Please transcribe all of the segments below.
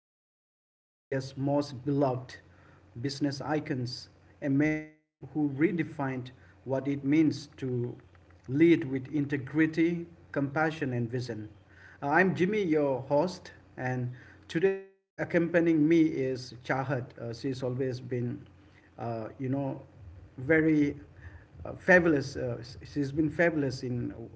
of one of India's most beloved business icons, a man who redefined what it means to lead with integrity, compassion, and vision. I'm Jimmy, your host, and today accompanying me is Chahat. She's always been, you know, very fabulous. She's been fabulous in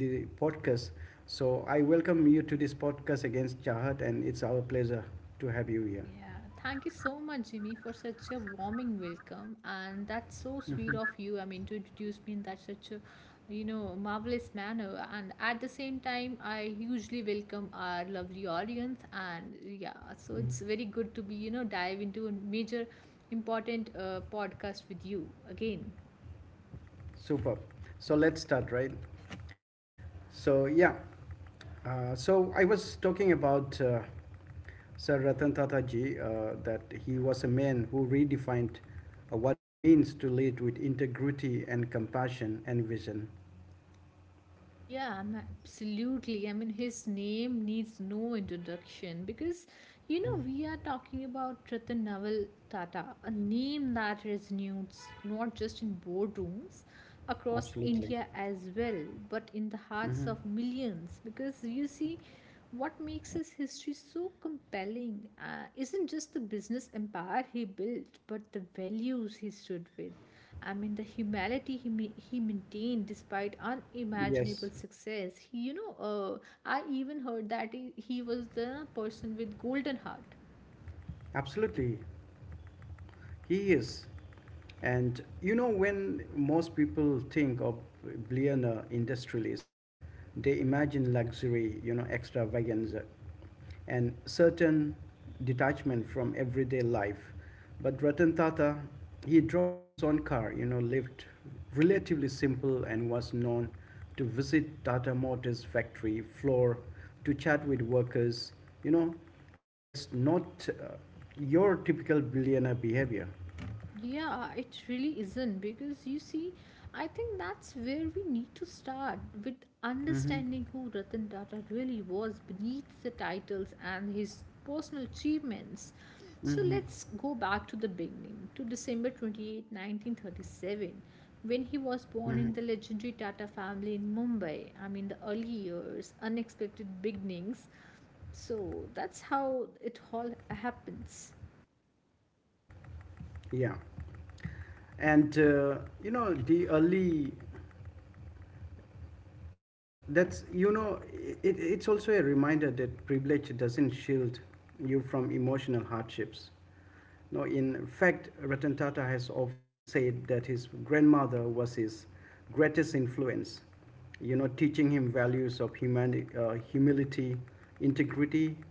the podcast. So I welcome you to this podcast against Chahat, and it's our pleasure to have you here. Yeah, thank you so much, Jimmy, for such a warming welcome. And that's so sweet of you. I mean, to introduce me in that such a, you know, marvelous manner. And at the same time, I hugely welcome our lovely audience. And yeah, Mhm. so it's very good to be, you know, dive into a major important podcast with you again. Superb. So let's start, right? So yeah, so I was talking about Sir Ratan Tata Ji that he was a man who redefined what means to lead with integrity and compassion and vision. Yeah, I'm absolutely. I mean, his name needs no introduction because, you Mhm. know, we are talking about Ratan Naval Tata, a name that resonates not just in boardrooms across Absolutely. India as well, but in the hearts Mhm. of millions. Because you see, what makes his history so compelling isn't just the business empire he built, but the values he stood with. I mean, the humanity he maintained despite Yes, unimaginable success. He, I even heard that he was the person with golden heart. absolutely. He is. And you know, when most people think of billionaire industrialists, they imagine luxury, you know, extravaganza, and certain detachment from everyday life. But Ratan Tata, he drove his own car, you know, lived relatively simple and was known to visit Tata Motors factory floor to chat with workers, you know, that's not your typical billionaire behavior. Yeah, it really isn't because you see, I think that's where we need to start with hmm understanding who Ratan Tata really was beneath the titles and his personal achievements. So hmm let's go back to the beginning, to December 28, 1937, when he was hmm born in the legendary Tata family in Mumbai. I mean, the early years, unexpected beginnings. So that's how it all happens. Yeah, and you know the early. That's you know it it's also a reminder that privilege doesn't shield you from emotional hardships. No, in fact, Ratan Tata has often said that his grandmother was his greatest influence, you know, teaching him values of humility, integrity,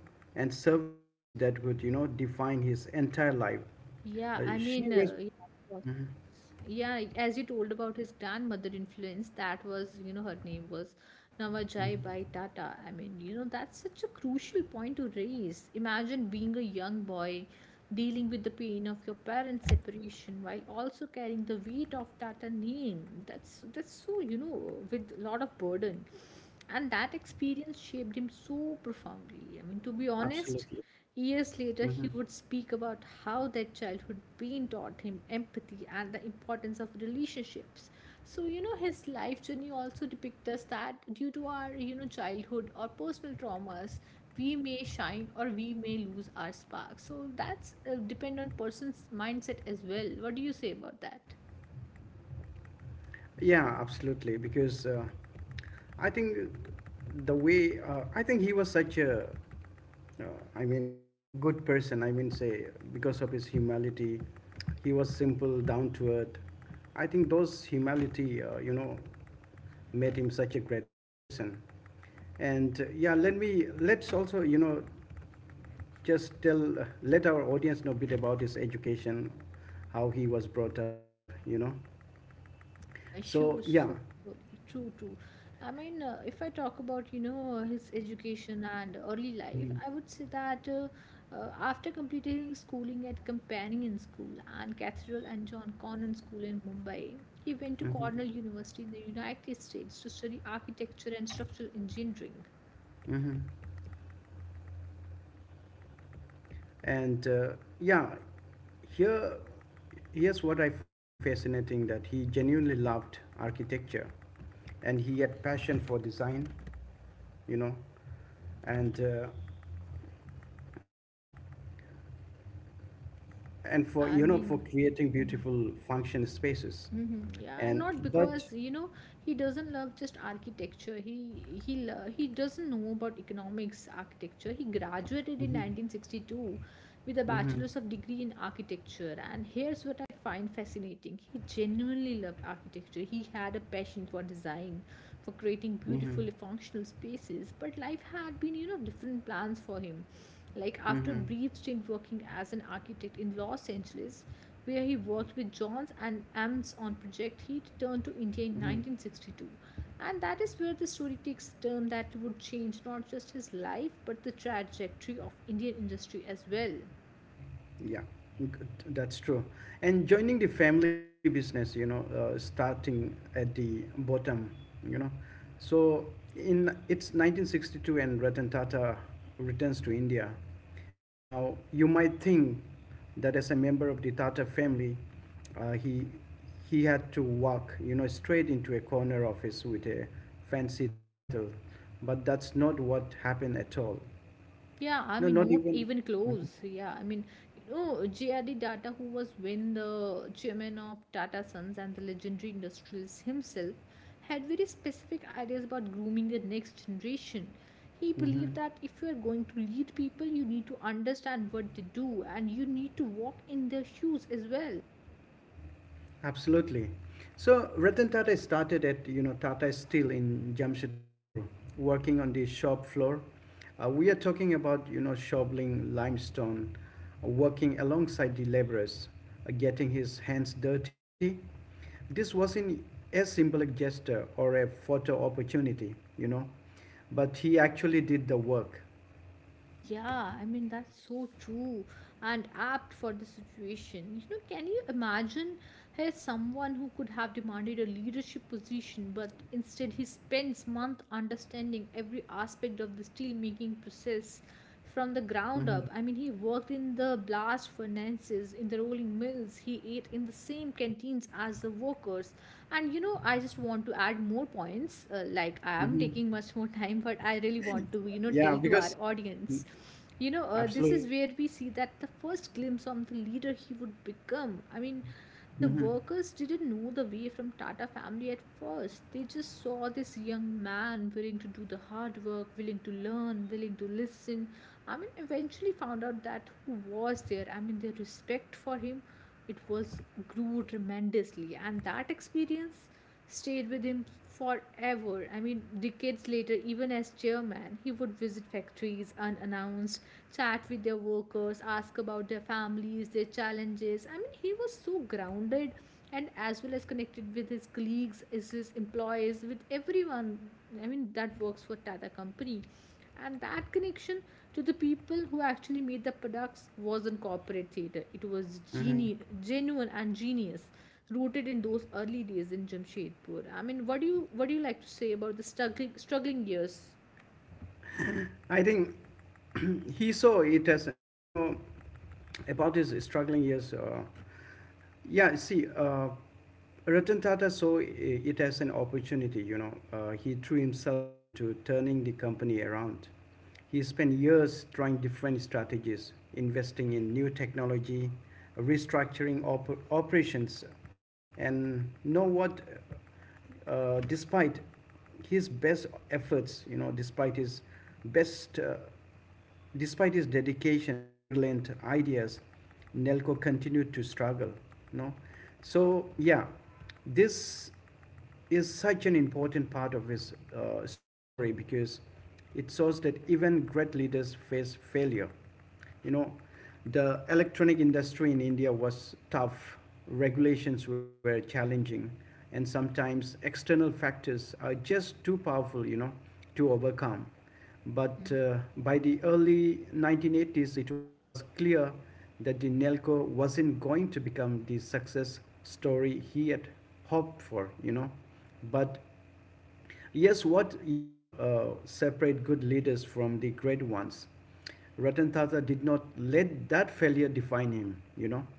and service that would, you know, define his entire life. Yeah, I mean, She uh, was yeah, of course. Mhm, Yeah, as you told about his grandmother influence, that was, you know, her name was mhm. Nawajai Bai Tata. I mean, you know, that's such a crucial point to raise. Imagine being a young boy dealing with the pain of your parents' separation while also carrying the weight of Tata name. That's so, you know, with a lot of burden. And that experience shaped him so profoundly. I mean, to be honest, Absolutely. years later, Mhm. he would speak about how that childhood pain taught him empathy and the importance of relationships. So, you know, his life journey also depicts us that due to our, you know, childhood or personal traumas, we may shine or we may lose our spark. So that's depend on person's mindset as well. What do you say about that? Yeah, absolutely. Because I think the way I think he was such a, uh, I mean, good person. I mean, say because of his humility, he was simple, down to earth. I think those humility, made him such a great person. And yeah, let me let's also you know just tell let our audience know a bit about his education, how he was brought up. You know, so yeah. Sure, so sorry. True, true. I mean, if I talk about, you know, his education and early life, I would say that after completing his schooling at Companion School and Cathedral and John Connon School in Mumbai, he went to Mhm. Cornell University in the United States to study architecture and structural engineering. hmm And uh, yeah, here, here's what I find fascinating that he genuinely loved architecture and he had passion for design, you know, and, uh, and for, Yeah, you know, I for mean, yeah. creating Mm-hmm. beautiful function spaces. hmm Yeah, And, not but, because you know he doesn't love just architecture. He doesn't know about economics architecture. He graduated in hmm 1962 with a hmm bachelor's of degree in architecture. And here's what I find fascinating: he genuinely loved architecture. He had a passion for design, for creating hmm beautiful functional spaces. But life had been you know different plans for him. Like hmm after a brief stint working as an architect in Los Angeles where he worked with Johns and Ames on Project Heat, turned to India in hmm 1962. And that is where the story takes a turn that would change not just his life but the trajectory of Indian industry as well. Yeah, good. That's true. And joining the family business, you know, starting at the bottom, you know. So in it's 1962 and Ratan Tata returns to India. Now, you might think that as a member of the Tata family, uh, he he had to walk, you know, straight into a corner office with a fancy title, but that's not what happened at all. Yeah, I No, mean, not not even. even close. Yeah, I mean, you know, J.R.D. Tata, who was when the chairman of Tata Sons and the legendary industrialist himself, had very specific ideas about grooming the next generation. He believed Mhm. that if you are going to lead people, you need to understand what they do and you need to walk in their shoes as well. Absolutely. So Ratan Tata started at you know Tata Steel in Jamshedpur, working on the shop floor. We are talking about you know shoveling limestone, working alongside the laborers, getting his hands dirty. This wasn't a symbolic gesture or a photo opportunity, you know, but he actually did the work. Yeah, I mean, that's so true and apt for the situation. You know, can you imagine here's someone who could have demanded a leadership position, but instead he spends months understanding every aspect of the steelmaking process from the ground Hmm up. I mean, he worked in the blast furnaces, in the rolling mills, he ate in the same canteens as the workers, and you know I just want to add more points, like I am hmm taking much more time but I really want to you know Yeah, tell to our audience mm, you know, this is absolutely. where we see that the first glimpse of the leader he would become. I mean, the Hmm workers didn't know the way from Tata family at first. They just saw this young man willing to do the hard work, willing to learn, willing to listen. I mean, eventually found out that who was there. I mean, their respect for him, it was grew tremendously. And that experience stayed with him forever. I mean, decades later, even as chairman, he would visit factories unannounced, chat with their workers, ask about their families, their challenges. I mean, he was so grounded and as well as connected with his colleagues, as his employees, with everyone. I mean, that works for Tata Company. And that connection to the people who actually made the products wasn't corporate theater. It was hmm geni- genuine and genius, rooted in those early days in Jamshedpur. I mean, what do you like to say about the struggling years? I think he saw it as, you know, about his struggling years. Yeah, see, uh, Ratan Tata saw it as an opportunity, you know. He threw himself into turning the company around. He spent years trying different strategies, investing in new technology, restructuring operations, and know what despite his best efforts, you know, despite his best, despite his dedication and brilliant ideas, Nelco continued to struggle. You know, so yeah, this is such an important part of his story because it shows that even great leaders face failure, you know. The electronic industry in india was tough, regulations were challenging, and sometimes external factors are just too powerful, you know, to overcome. but hmm. uh, by the early 1980s it was clear that the nelco wasn't going to become the success story he had hoped for, you know. But yes, what you know separate good leaders from the great ones. Ratan Tata did not let that failure define him, you know,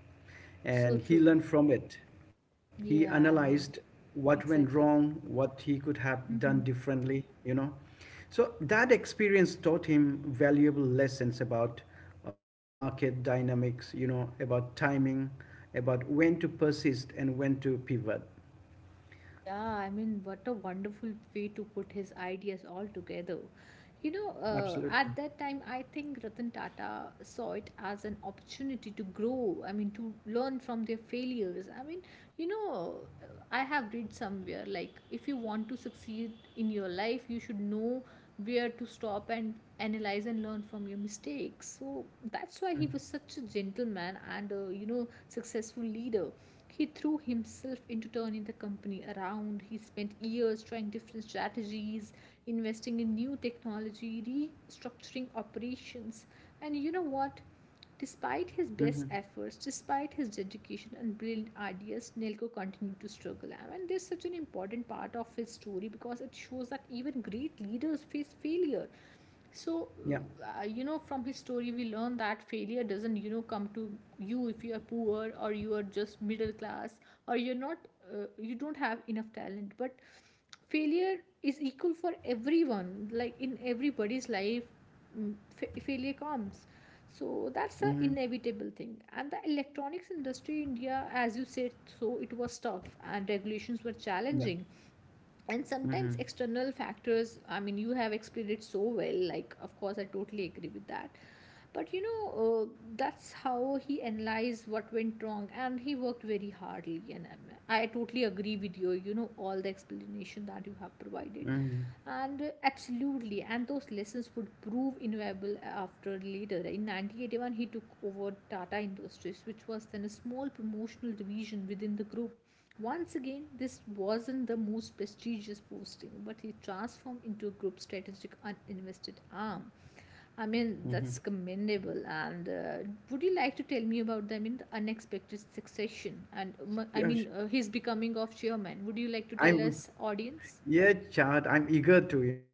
So and he true. learned from it. He Yeah, I mean, analyzed what went exactly. wrong, what he could have done hmm. differently, you know. So that experience taught him valuable lessons about market dynamics, you know, about timing, about when to persist and when to pivot. Yeah, I mean, what a wonderful way to put his ideas all together. You know, at that time, I think Ratan Tata saw it as an opportunity to grow, I mean, to learn from their failures. I mean, you know, I have read somewhere like if you want to succeed in your life, you should know where to stop and analyze and learn from your mistakes. So that's why Mm-hmm. he was such a gentleman and, you know, successful leader. He threw himself into turning the company around. He spent years trying different strategies, investing in new technology, restructuring operations. And you know what? Despite his Mm-hmm. best efforts, despite his dedication and brilliant ideas, Nelko continued to struggle. And mean, this is such an important part of his story because it shows that even great leaders face failure. So Yeah. You know, from his story we learn that failure doesn't you know come to you if you are poor or you are just middle class or you're not you don't have enough talent, but failure is equal for everyone, like in everybody's life failure comes. So that's an inevitable thing, and the electronics industry in India, as you said, so it was tough and regulations were Yeah. challenging, and Mhm. sometimes external factors. I mean, you have explained it so well, like of course I totally agree with that, but you know that's how he analyzed what went wrong and he worked very hardly, and I totally agree with you, you know, all the explanation that you have provided, Mhm. and absolutely, and those lessons would prove invaluable after later. In 1981 he took over Tata Industries, which was then a small promotional division within the group. Once again, this wasn't the most prestigious posting, but he transformed into a group strategic uninvested arm. I mean, Mhm. that's commendable. And would you like to tell me about the, I mean, the unexpected succession and I Yeah, sh- mean, his becoming of chairman? Would you like to tell I'm us, audience? yeah, Chad, I'm eager to, you know.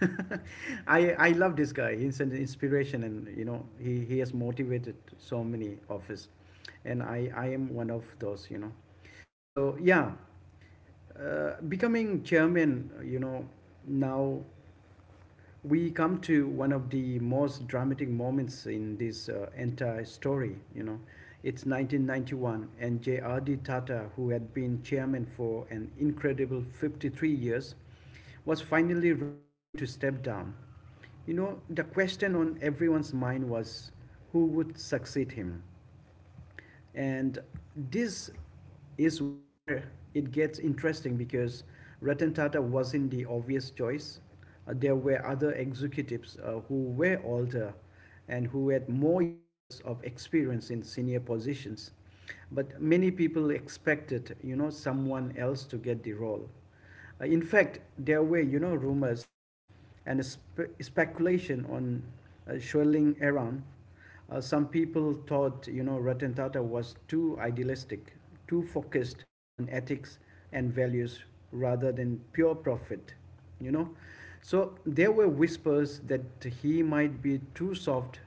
I love this guy. He's an inspiration, and you know, he has motivated so many of us, and I am one of those, you know. So becoming chairman, you know, now, we come to one of the most dramatic moments in this entire story, you know. It's 1991 and JRD Tata, who had been chairman for an incredible 53 years, was finally ready to step down. You know, the question on everyone's mind was who would succeed him, and this is where it gets interesting because Ratan Tata wasn't the obvious choice. There were other executives who were older and who had more years of experience in senior positions. But many people expected, you know, someone else to get the role. In fact, there were, you know, rumors and speculation on swirling around. Some people thought, you know, Ratan Tata was too idealistic, too focused on ethics and values rather than pure profit, you know. So there were whispers that he might be too soft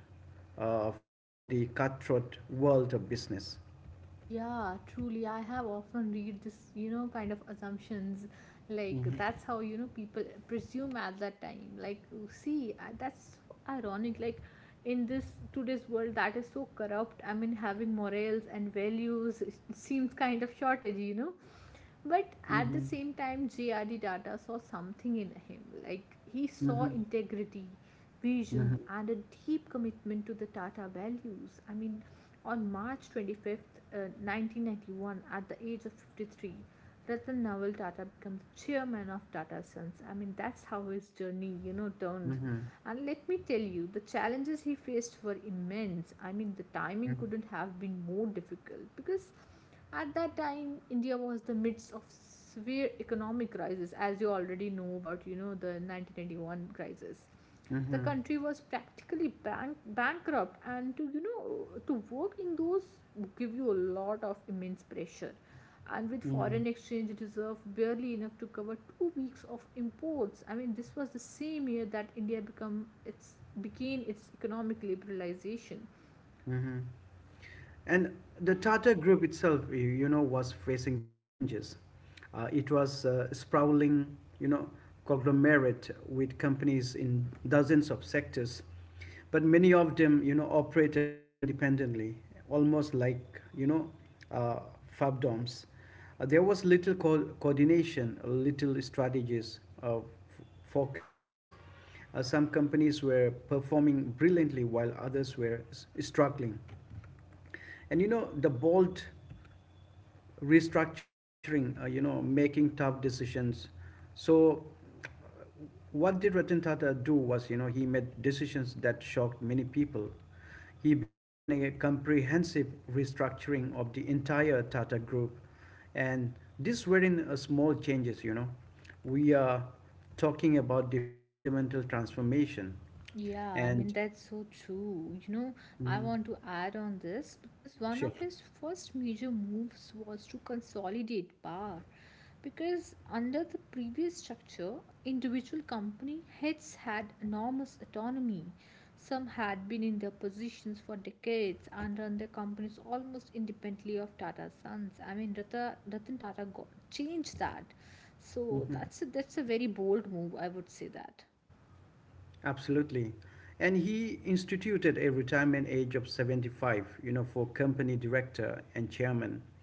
for the cutthroat world of business. Yeah, truly. I have often read this, you know, kind of assumptions. Like Mhm, that's how, you know, people presume at that time. Like, see, that's so ironic. Like in this today's world that is so corrupt. I mean, having morals and values it seems kind of shortage, you know. But mhm, at the same time, JRD Tata saw something in him. Like he saw mhm, integrity, mhm, vision, and a deep commitment to the Tata values. I mean, on March 25th, 1991, at the age of 53, Ratan Nawal Tata became the chairman of Tata Sons. I mean, that's how his journey, you know, turned. mhm, And let me tell you, the challenges he faced were immense. I mean, the timing mhm, couldn't have been more difficult because at that time India was the midst of severe economic crisis, as you already know about, you know, the 1991 crisis. The mhm, country was practically bank- bankrupt, and to you know to work in those give you a lot of immense pressure, and with mhm, foreign exchange reserve barely enough to cover two weeks of imports. I mean, this was the same year that India become its began its economic liberalization. mhm. And the Tata Group itself, you know, was facing challenges. It was sprawling, you know, conglomerate with companies in dozens of sectors, but many of them, you know, operated independently, almost like, you know, uh, fabdoms. There was little coordination, little strategies, of focus. Some companies were performing brilliantly while others were struggling. And you know, the bold restructuring, you know, making tough decisions. So, what did Ratan Tata do was, you know, he made decisions that shocked many people. He began a comprehensive restructuring of the entire Tata Group, and these were in small changes. You know, we are talking about the fundamental transformation, Yeah, I and mean, that's so true. You know, I Mhm. want to add on this because one Sure. of his first major moves was to consolidate power. Because under the previous structure, individual company heads had enormous autonomy. Some had been in their positions for decades and run their companies almost independently of Tata Sons. I mean, Ratan Tata got, changed that. So Mhm. that's that's a very bold move, I would say that. Absolutely. And he instituted a retirement age of 75, you know, for company director and chairman.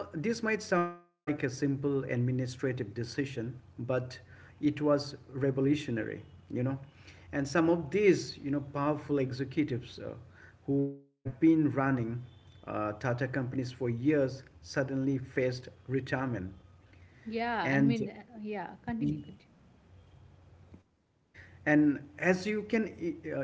Now, this might sound like a simple administrative decision, but it was revolutionary, you know. And some of these, you know, powerful executives who had been running Tata companies for years suddenly faced retirement. Yeah, I mean, And yeah, continue. and as you can uh,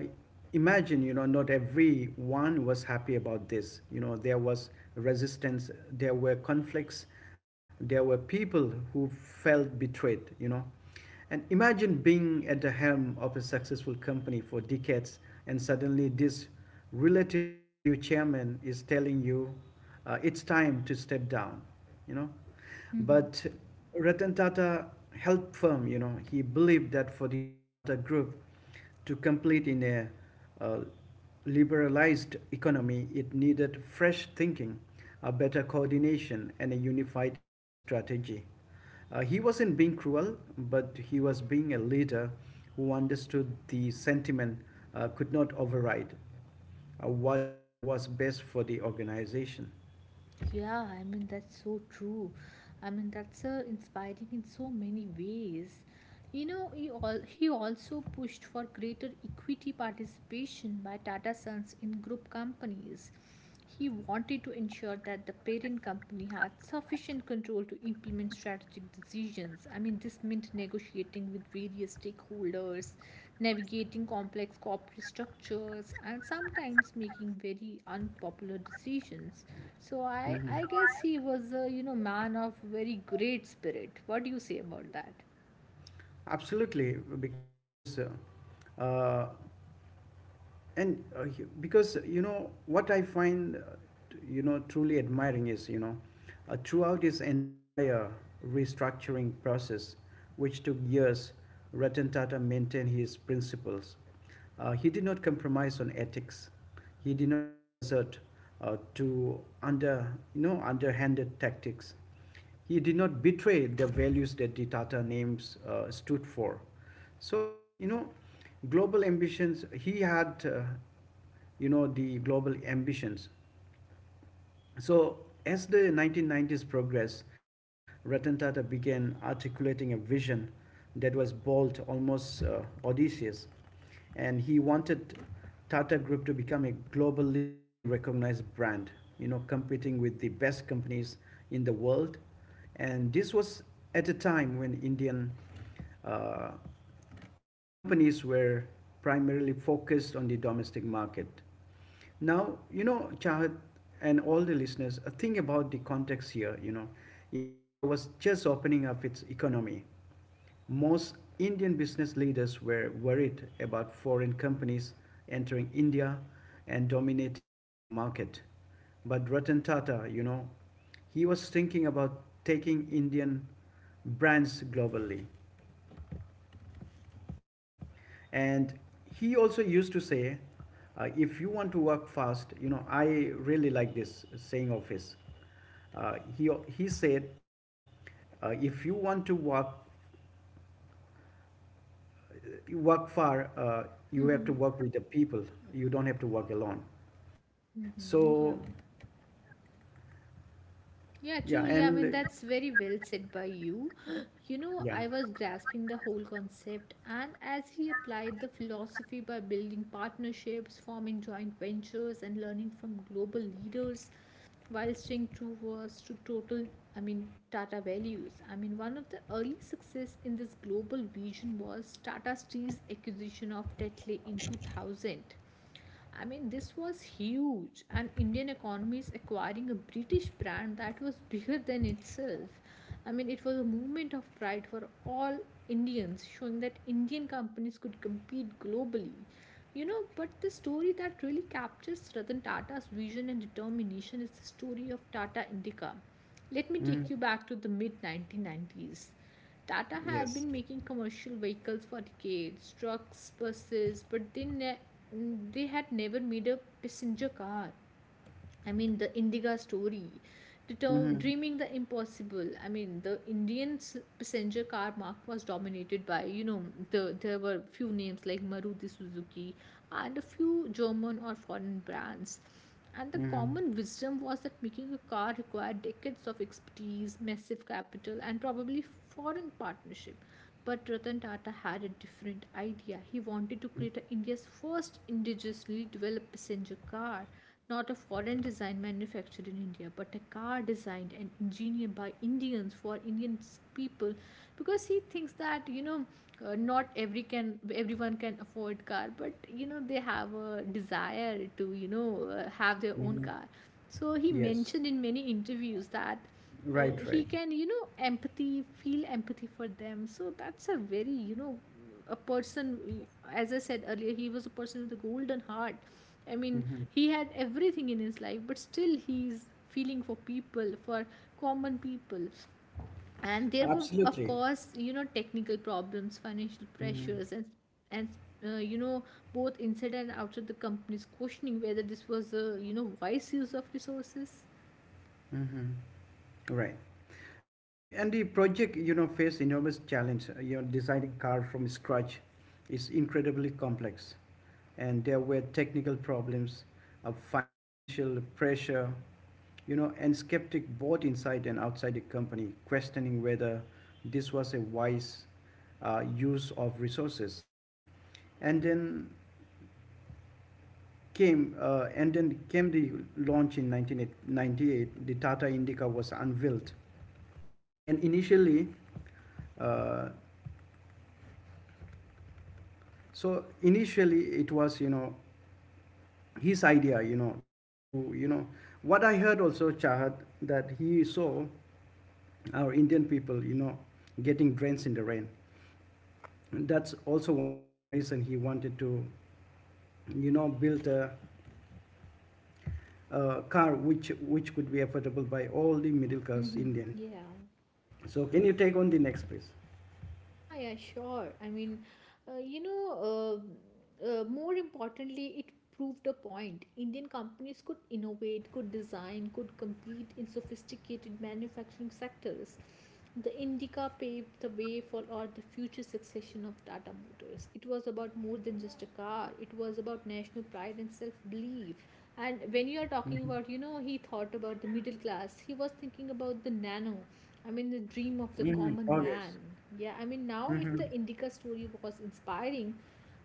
imagine, you know, not everyone was happy about this. You know, there was resistance, there were conflicts, there were people who felt betrayed, you know. And imagine being at the helm of a successful company for decades and suddenly this relatively new chairman is telling you it's time to step down, you know. hmm. But Ratan Tata helped firm, you know, he believed that for the Tata Group to complete in a uh, liberalized economy, it needed fresh thinking, a better coordination, and a unified strategy. He wasn't being cruel, but he was being a leader who understood the sentiment could not override what was best for the organization. Yeah, I mean, that's so true. I mean, that's inspiring in so many ways. He also pushed for greater equity participation by Tata Sons in group companies. He wanted to ensure that the parent company had sufficient control to implement strategic decisions. I mean, this meant negotiating with various stakeholders, navigating complex corporate structures, and sometimes making very unpopular decisions. So I, Mm-hmm. I guess he was a man of very great spirit. What do you say about that? Absolutely, because you know what I find you know truly admiring is you know throughout his entire restructuring process, which took years, Ratan Tata maintained his principles. He did not compromise on ethics. He did not resort to under you know underhanded tactics. He did not betray the values that the Tata names stood for. So, you know, global ambitions, he had, you know, the global ambitions. So, as the 1990s progressed, Ratan Tata began articulating a vision that was bold, almost audacious, and he wanted Tata Group to become a globally recognized brand, you know, competing with the best companies in the world. And this was at a time when Indian uh, companies were primarily focused on the domestic market. Now, you know, Chahat and all the listeners, think about the context here. You know, India was just opening up its economy. Most Indian business leaders were worried about foreign companies entering India and dominating the market. But Ratan Tata, you know, he was thinking about taking Indian brands globally. And he also used to say, if you want to work fast, you know, I really like this saying of his. Uh, he, he said, if you want to work work far, you have to work with the people, you don't have to work alone. Mm-hmm, So yeah. Yeah, yeah truly. I and mean, that's very well said by you. You know, I yeah was grasping the whole concept, and as he applied the philosophy by building partnerships, forming joint ventures, and learning from global leaders while staying true was to total, I mean, Tata values. I mean, one of the early success in this global vision was Tata Steel's acquisition of Tetley in 2000. I mean, this was huge, and Indian economy is acquiring a British brand that was bigger than itself. I mean, it was a movement of pride for all Indians, showing that Indian companies could compete globally. You know, but the story that really captures Ratan Tata's vision and determination is the story of Tata Indica. Let me take you Mhm. back to the mid 1990s. Tata Yes. had been making commercial vehicles for decades, trucks, buses, but they had never made a passenger car. I mean, the Indiga story, the term hmm dreaming the impossible. I mean, the Indian passenger car market was dominated by, you know, there were few names like Maruti Suzuki and a few German or foreign brands. And the hmm common wisdom was that making a car required decades of expertise, massive capital, and probably foreign partnership. But Ratan Tata had a different idea. He wanted to create a India's first indigenously developed passenger car, not a foreign design manufactured in India, but a car designed and engineered by Indians for Indian people, because he thinks that not everyone can afford car, but they have a desire to have their own hmm car, so he Yes, mentioned in many interviews that right, he right. can you know empathy feel empathy for them. So that's a very a person. As I said earlier, he was a person with a golden heart. I mean, hmm he had everything in his life, but still he's feeling for people, for common people. And there were, of Absolutely. course, technical problems, financial Hmm pressures, and and uh, you know both inside and outside the companies questioning whether this was a wise use of resources. hmm Right. And the project, you know, faced enormous challenge. Designing car from scratch is incredibly complex, and there were technical problems, financial pressure, and skeptic both inside and outside the company, questioning whether this was a wise use of resources. And then and then came the launch in 1998. The Tata Indica was unveiled, and initially uh, So initially, it was his idea, you know, to you know What I heard also, Chahat, that he saw our Indian people, getting drenched in the rain. And that's also one of the reason he wanted to, build a car which could be affordable by all the middle class Mm-hmm. Indian. Yeah. So can you take on the next, please? Yeah, yeah, sure. I mean, uh, you know, more importantly, it proved a point. Indian companies could innovate, could design, could compete in sophisticated manufacturing sectors. The Indica paved the way for all the future succession of Tata Motors. It was about more than just a car. It was about national pride and self-belief. And when you are talking Mm-hmm. about, you know, he thought about the middle class. He was thinking about the nano. I mean, the dream of the Mm-hmm. common August. man. Yeah, I mean, now if Mm-hmm. the Indica story was inspiring,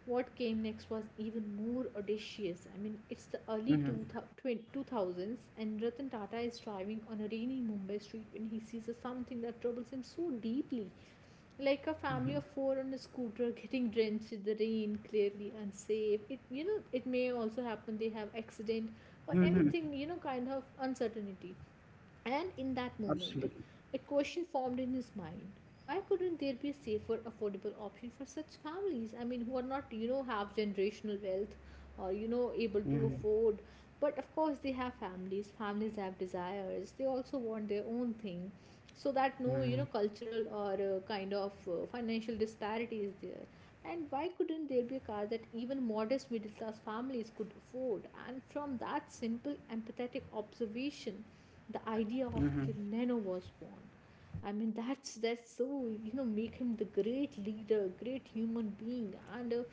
what came next was even more audacious. I mean, it's the early Mm-hmm. 2000s, and Ratan Tata is driving on a rainy Mumbai street when he sees a something that troubles him so deeply. Like a family of four on a scooter getting drenched in the rain, clearly unsafe. It it may also happen they have accident or Mm-hmm. Mm-hmm. anything, kind of uncertainty. And in that moment, Absolutely. a question formed in his mind. Why couldn't there be a safer, affordable option for such families? I mean, who are not, you know, have generational wealth or, you know, able Mm-hmm. to afford. But of course, they have families. Families have desires. They also want their own thing. So that no, you know, Mm-hmm. cultural or kind of financial disparity is there. And why couldn't there be a car that even modest middle class families could afford? And from that simple empathetic observation, the idea of Mm-hmm. the nano was born. I mean, that's so, you know, make him the great leader, great human being,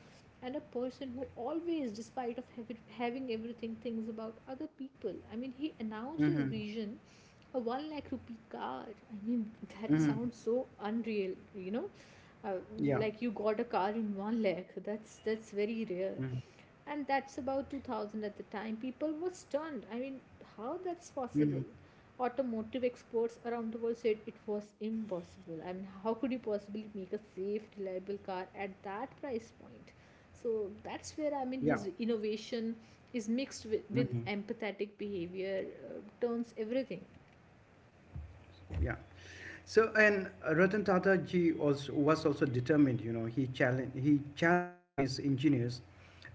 and a person who always, despite of having everything, thinks about other people. I mean, he announced his Mm-hmm. vision, a 1 lakh rupee car. I mean, that Mhm. sounds so unreal. you know uh, Yeah. like, you got a car in 1 lakh. That's very rare. Mhm. And that's about 2000, at the time people were stunned. I mean, how that's Mhm. possible? Automotive exports around the world said it was impossible. I mean, how could you possibly make a safe, reliable car at that price point? So that's where, I mean, Yeah. his innovation is mixed with Mhm. empathetic behavior, turns everything. Yeah. So and Ratan Tata ji also was also determined. You know, he challenged his engineers.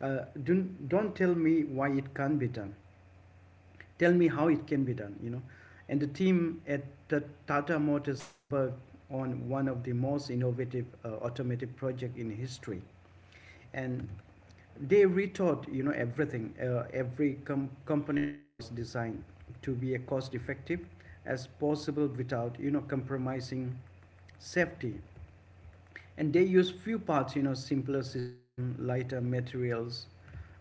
Don't tell me why it can't be done. Tell me how it can be done. You know, and the team at Tata Motors embarked on one of the most innovative automotive project in history. And they rethought, everything. Every component was designed to be as cost effective as possible, without compromising safety. And they used few parts, simpler system, lighter materials.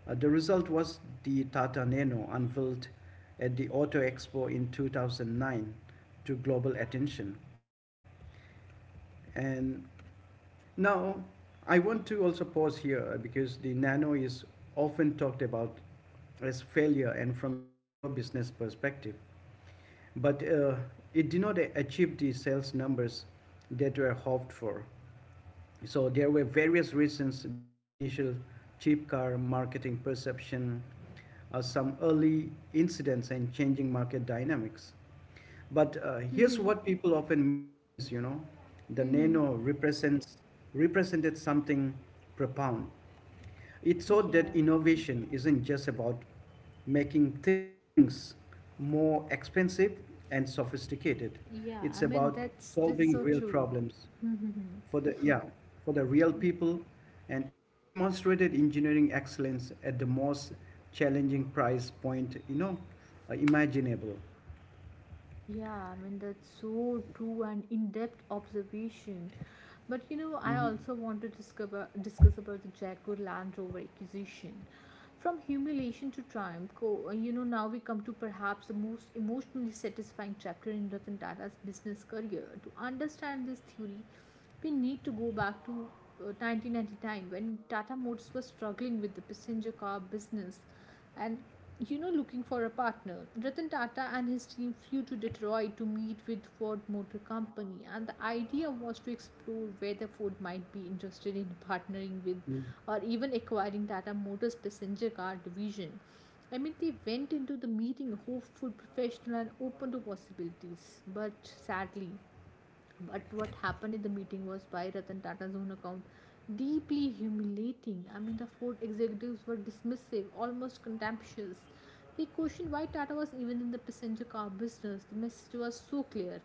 The result was the Tata Nano, unveiled at the Auto Expo in 2009, to global attention. And now I want to also pause here, because the Nano is often talked about as failure and from a pure business perspective. But it did not achieve the sales numbers that were hoped for. So there were various reasons: the initial cheap car marketing perception, some early incidents, and changing market dynamics. But here's Mm-hmm. what people often miss. The Nano Mm-hmm. represents represented something profound. It showed that Yeah, innovation isn't just about making things more expensive and sophisticated. yeah, I It's mean, about that's solving so real true. problems for the yeah for the real people. And it demonstrated engineering excellence at the most challenging price point, imaginable. Yeah, I mean, that's so true and in-depth observation. But you know, Mm-hmm. I also want to discuss about the Jaguar Land Rover acquisition. From humiliation to triumph. You know, now we come to perhaps the most emotionally satisfying chapter in Ratan Tata's business career. To understand this theory, we need to go back to 1999, when Tata Motors was struggling with the passenger car business and, you know, looking for a partner. Ratan Tata and his team flew to Detroit to meet with Ford Motor Company, and the idea was to explore whether Ford might be interested in partnering with or even acquiring Tata Motors passenger car division. I mean, they went into the meeting hopeful, professional, and open to possibilities. But sadly, but what happened in the meeting was, by Ratan Tata's own account, deeply humiliating. I mean, the Ford executives were dismissive, almost contemptuous. They questioned why Tata was even in the passenger car business. The message was so clear: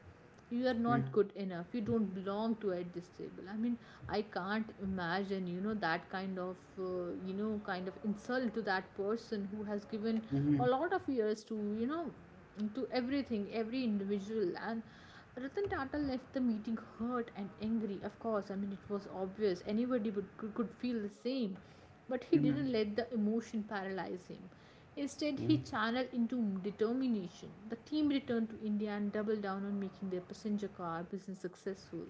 you are not Mm-hmm. good enough, you don't belong to at this table. I mean, I can't imagine, you know, that kind of you know, kind of insult to that person who has given a Mm-hmm. lot of years to, to everything, every individual. And Ratan Tata left the meeting hurt and angry. Of course, I mean, it was obvious. Anybody would, could feel the same. But he Mm-hmm. didn't let the emotion paralyze him. Instead, Mm-hmm. he channeled into determination. The team returned to India and doubled down on making their passenger car business successful.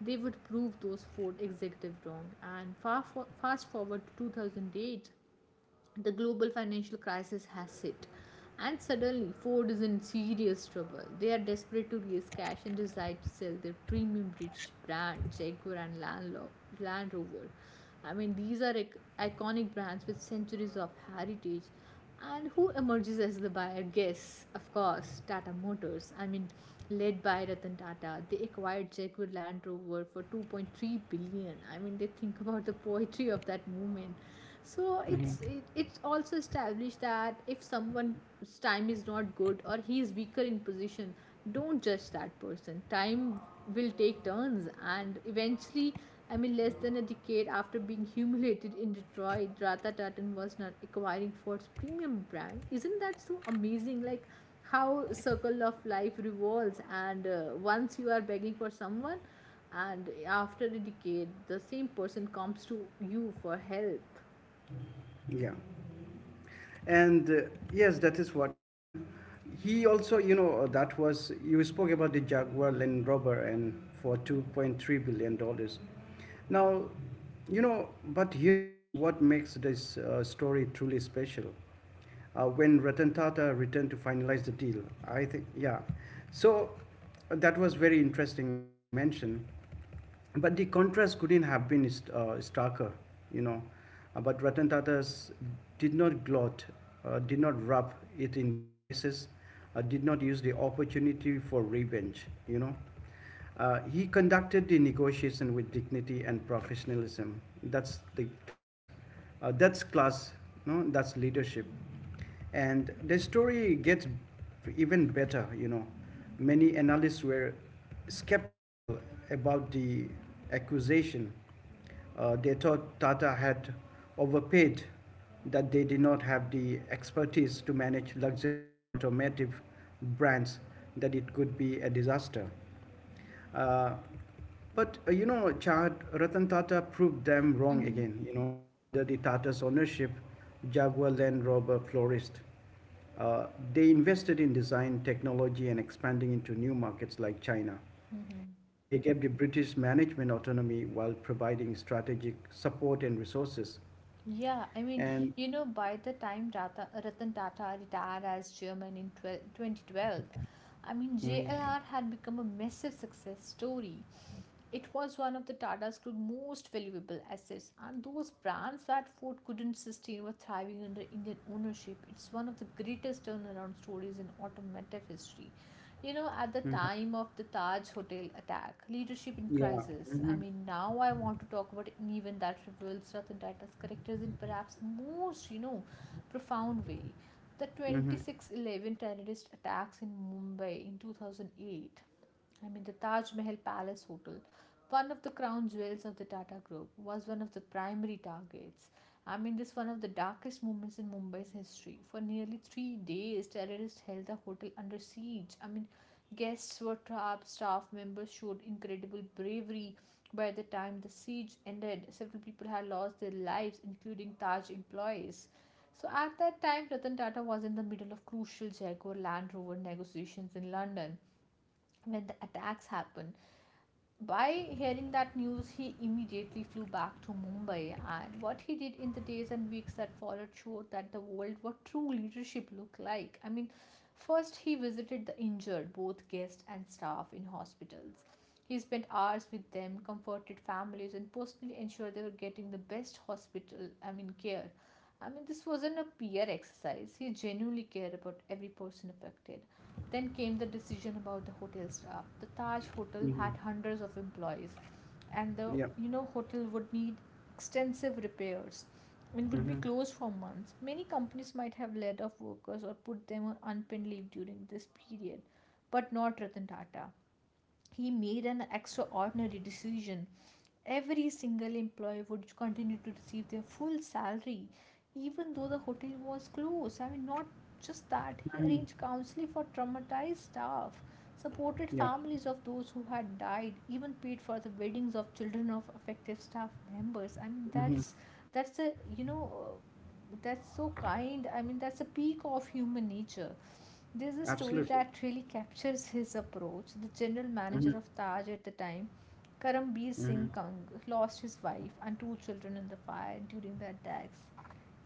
They would prove those Ford executives wrong. And fast forward to 2008, the global financial crisis has hit, and suddenly Ford is in serious trouble. They are desperate to raise cash and decide to sell their premium British brand, Jaguar and Land Rover. I mean, these are iconic brands with centuries of heritage. And who emerges as the buyer? Guess, of course, Tata Motors. I mean, led by Ratan Tata, they acquired Jaguar Land Rover for 2.3 billion. I mean, they think about the poetry of that movement. So it's also established that if someone's time is not good or he is weaker in position, don't judge that person. Time will take turns, and eventually, I mean, less than a decade after being humiliated in Detroit, ratha tartan was not acquiring Ford's premium brand. Isn't that so amazing? Like, how circle of life revolves. And once you are begging for someone, and after a decade, the same person comes to you for help. Yeah. And yes, that is what. And he also, that was, you spoke about the Jaguar Land Rover and for $2.3 billion. Now, but here's what makes this story truly special. When Ratan Tata returned to finalize the deal, I think, yeah, so that was very interesting as you mentioned. But the contrast couldn't have been starker, you know. But Ratan Tatas did not gloat, did not rub it in their faces, did not use the opportunity for revenge. He conducted the negotiation with dignity and professionalism. That's the class, that's class. No, that's leadership. And the story gets even better. Many analysts were skeptical about the accusation. They thought Tata had overpaid, that they did not have the expertise to manage luxury automotive brands, that it could be a disaster. uh, but, Chad, Ratan Tata proved them wrong Mhm, again. You know, under the Tata's ownership, Jaguar Land Rover flourished. Uh, they invested in design, technology, and expanding into new markets like China. mhm. They gave the British management autonomy while providing strategic support and resources. Yeah, I mean, And you know, by the time Ratan Tata retired as chairman in 12 2012, I mean, mm, JLR had become a massive success story. It was one of the Tata's group's most valuable assets, and those brands that Ford couldn't sustain were thriving under Indian ownership. It's one of the greatest turnaround stories in automotive history. You know, at the time of the Taj Hotel attack, leadership in yeah, crisis. I mean, now I want to talk about an event that reveals Ratan Tata's characters in perhaps the most, you know, profound way. The hmm, 26/11 terrorist attacks in Mumbai in 2008. I mean, the Taj Mahal Palace Hotel, one of the crown jewels of the Tata Group, was one of the primary targets. I mean, this one of the darkest moments in Mumbai's history. For nearly 3 days, terrorists held the hotel under siege. I mean, guests were trapped, staff members showed incredible bravery. By the time the siege ended, several people had lost their lives, including Taj employees. So at that time, Ratan Tata was in the middle of crucial Jaguar Land Rover negotiations in London when the attacks happened. By hearing that news, he immediately flew back to Mumbai, and what he did in the days and weeks that followed showed that the world what true leadership looked like. I mean, first he visited the injured, both guests and staff in hospitals. He spent hours with them, comforted families, and personally ensured they were getting the best hospital, I mean, care. I mean, this wasn't a peer exercise. He genuinely cared about every person affected. Then came the decision about the hotel staff. The Taj Hotel had hmm, hundreds of employees, and the yeah, you know hotel would need extensive repairs and would be hmm, closed for months. Many companies might have laid off workers or put them on unpaid leave during this period, but not Ratan Tata. He made an extraordinary decision. Every single employee would continue to receive their full salary, even though the hotel was closed. I mean, not just that, he arranged counseling for traumatized staff, supported yeah, families of those who had died, even paid for the weddings of children of affected staff members. I mean, hmm, that's a you know. That's so kind. I mean, that's a peak of human nature. There's a story absolutely, that really captures his approach. The general hmm, manager of Taj at the time, Karambir hmm, Singh Kang, lost his wife and two children in the fire during the attacks.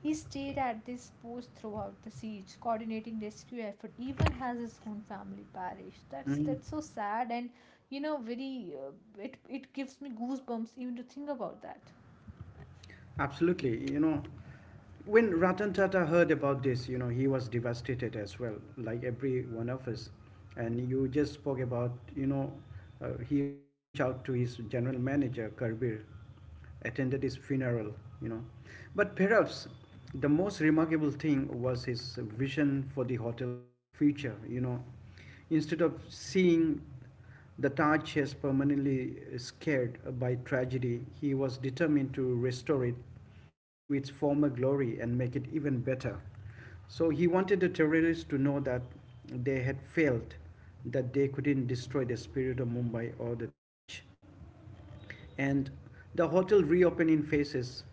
He stayed at this post throughout the siege, coordinating rescue effort, even has his own family parish. That's hmm. that's so sad, and you know very it gives me goosebumps even to think about that. Absolutely. You know, when Ratan Tata heard about this, he was devastated as well, like every one of us. And you just spoke about, he reached out to his general manager, Karbir, attended his funeral, you know. But perhaps the most remarkable thing was his vision for the hotel's future. Instead of seeing the Taj has permanently scared by tragedy. He was determined to restore it to its former glory and make it even better. So he wanted the terrorists to know that they had failed, that they couldn't destroy the spirit of Mumbai or the Taj. And the hotel reopened in phases,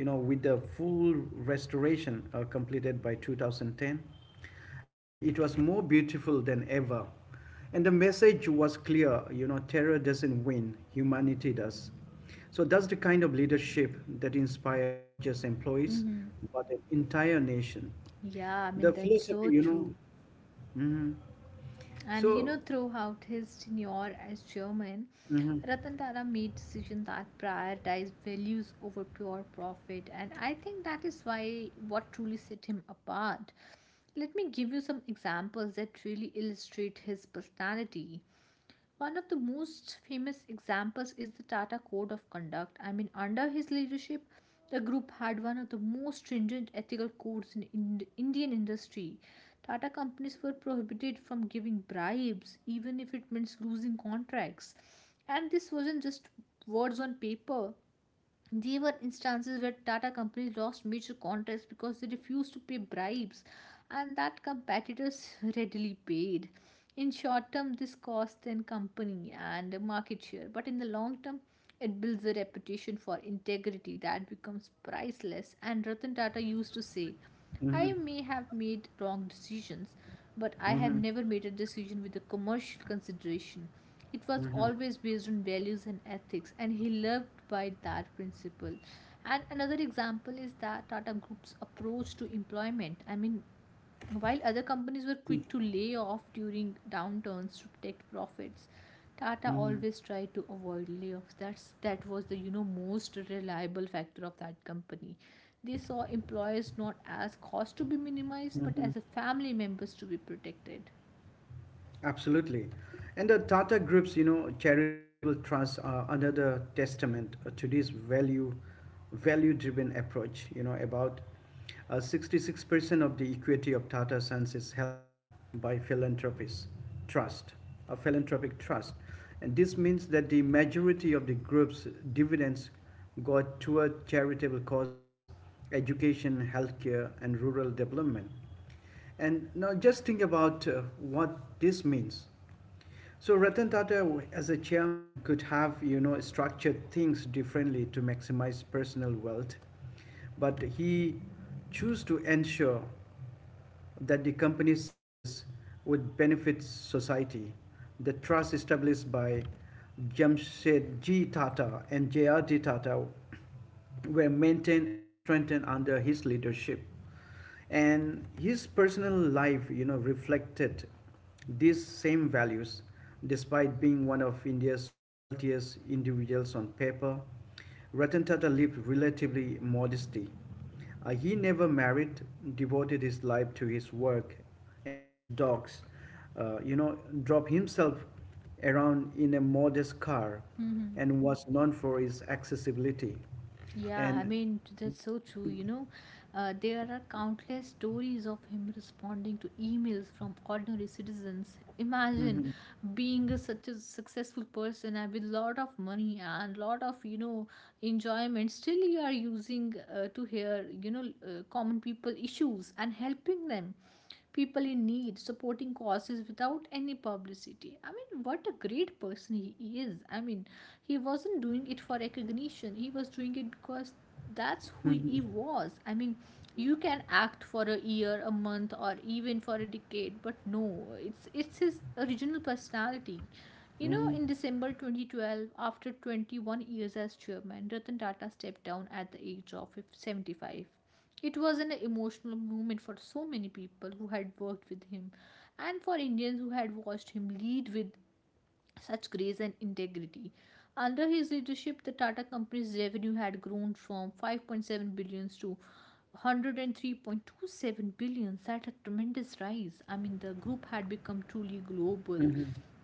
with the full restoration completed by 2010. And it was more beautiful than ever. And the message was clear: terror doesn't win, humanity does. So that's the kind of leadership that inspires not just employees Mm-hmm. but an entire nation, Yeah, I the mean, that's philosophy so you know true. Mhm. And you So, know, throughout his tenure as chairman, mhm, Ratan Tata made decisions that prioritize values over pure profit, and I think that is why what truly set him apart. Let me give you some examples that really illustrate his personality. One of the most famous examples is the Tata Code of Conduct. I mean, under his leadership, the group had one of the most stringent ethical codes in Indian industry. Tata companies were prohibited from giving bribes, even if it means losing contracts. And this wasn't just words on paper, there were instances where Tata companies lost major contracts because they refused to pay bribes and that competitors readily paid. In short term, this costs the company and market share, but in the long term, it builds a reputation for integrity that becomes priceless. And Ratan Tata used to say, I may have made wrong decisions, but I have never made a decision with a commercial consideration. It was mhm, always based on values and ethics, and he lived by that principle. And another example is that Tata Group's approach to employment. I mean, while other companies were quick to lay off during downturns to protect profits, Tata mhm, mhm, always tried to avoid layoffs. That was the you know most reliable factor of that company. They saw employees not as cost to be minimized, but mhm. as a family members to be protected. Absolutely. And the Tata Group's, charitable trusts are another testament to this value-driven approach. You know, about 66% of the equity of Tata Sons is held by philanthropists, trust, a philanthropic trust. And this means that the majority of the group's dividends go toward charitable causes, education, healthcare, and rural development. And now just think about what this means. So Ratan Tata, as a chairman, could have structured things differently to maximize personal wealth, but he chose to ensure that the company's success would benefit society. The trust established by Jamshedji Tata and J.R.D. Tata were maintained and strengthened under his leadership. And his personal life, reflected these same values. Despite being one of India's wealthiest individuals on paper, Ratan Tata lived relatively modestly. He never married, devoted his life to his work and his dogs, uh, you know drove himself around in a modest car, Mm-hmm. and was known for his accessibility. Yeah, I And mean, that's so true. You know, there are countless stories of him responding to emails from ordinary citizens. Imagine being a, such a successful person and with lot of money and lot of, you know, enjoyment. Still, you are using to hear, you know, common people issues and helping them people in need, supporting causes without any publicity. I mean, what a great person he is. I mean, he wasn't doing it for recognition, he was doing it because that's who he was. I mean, you can act for a year, a month, or even for a decade, but no, it's his original personality. You know, mhm. in December 2012, after 21 years as chairman, Ratan Tata stepped down at the age of 75. It was an emotional moment for so many people who had worked with him and for Indians who had watched him lead with such grace and integrity. Under his leadership, the Tata Company's revenue had grown from 5.7 billion to 103.27 billion. That's a tremendous rise. I mean, the group had become truly global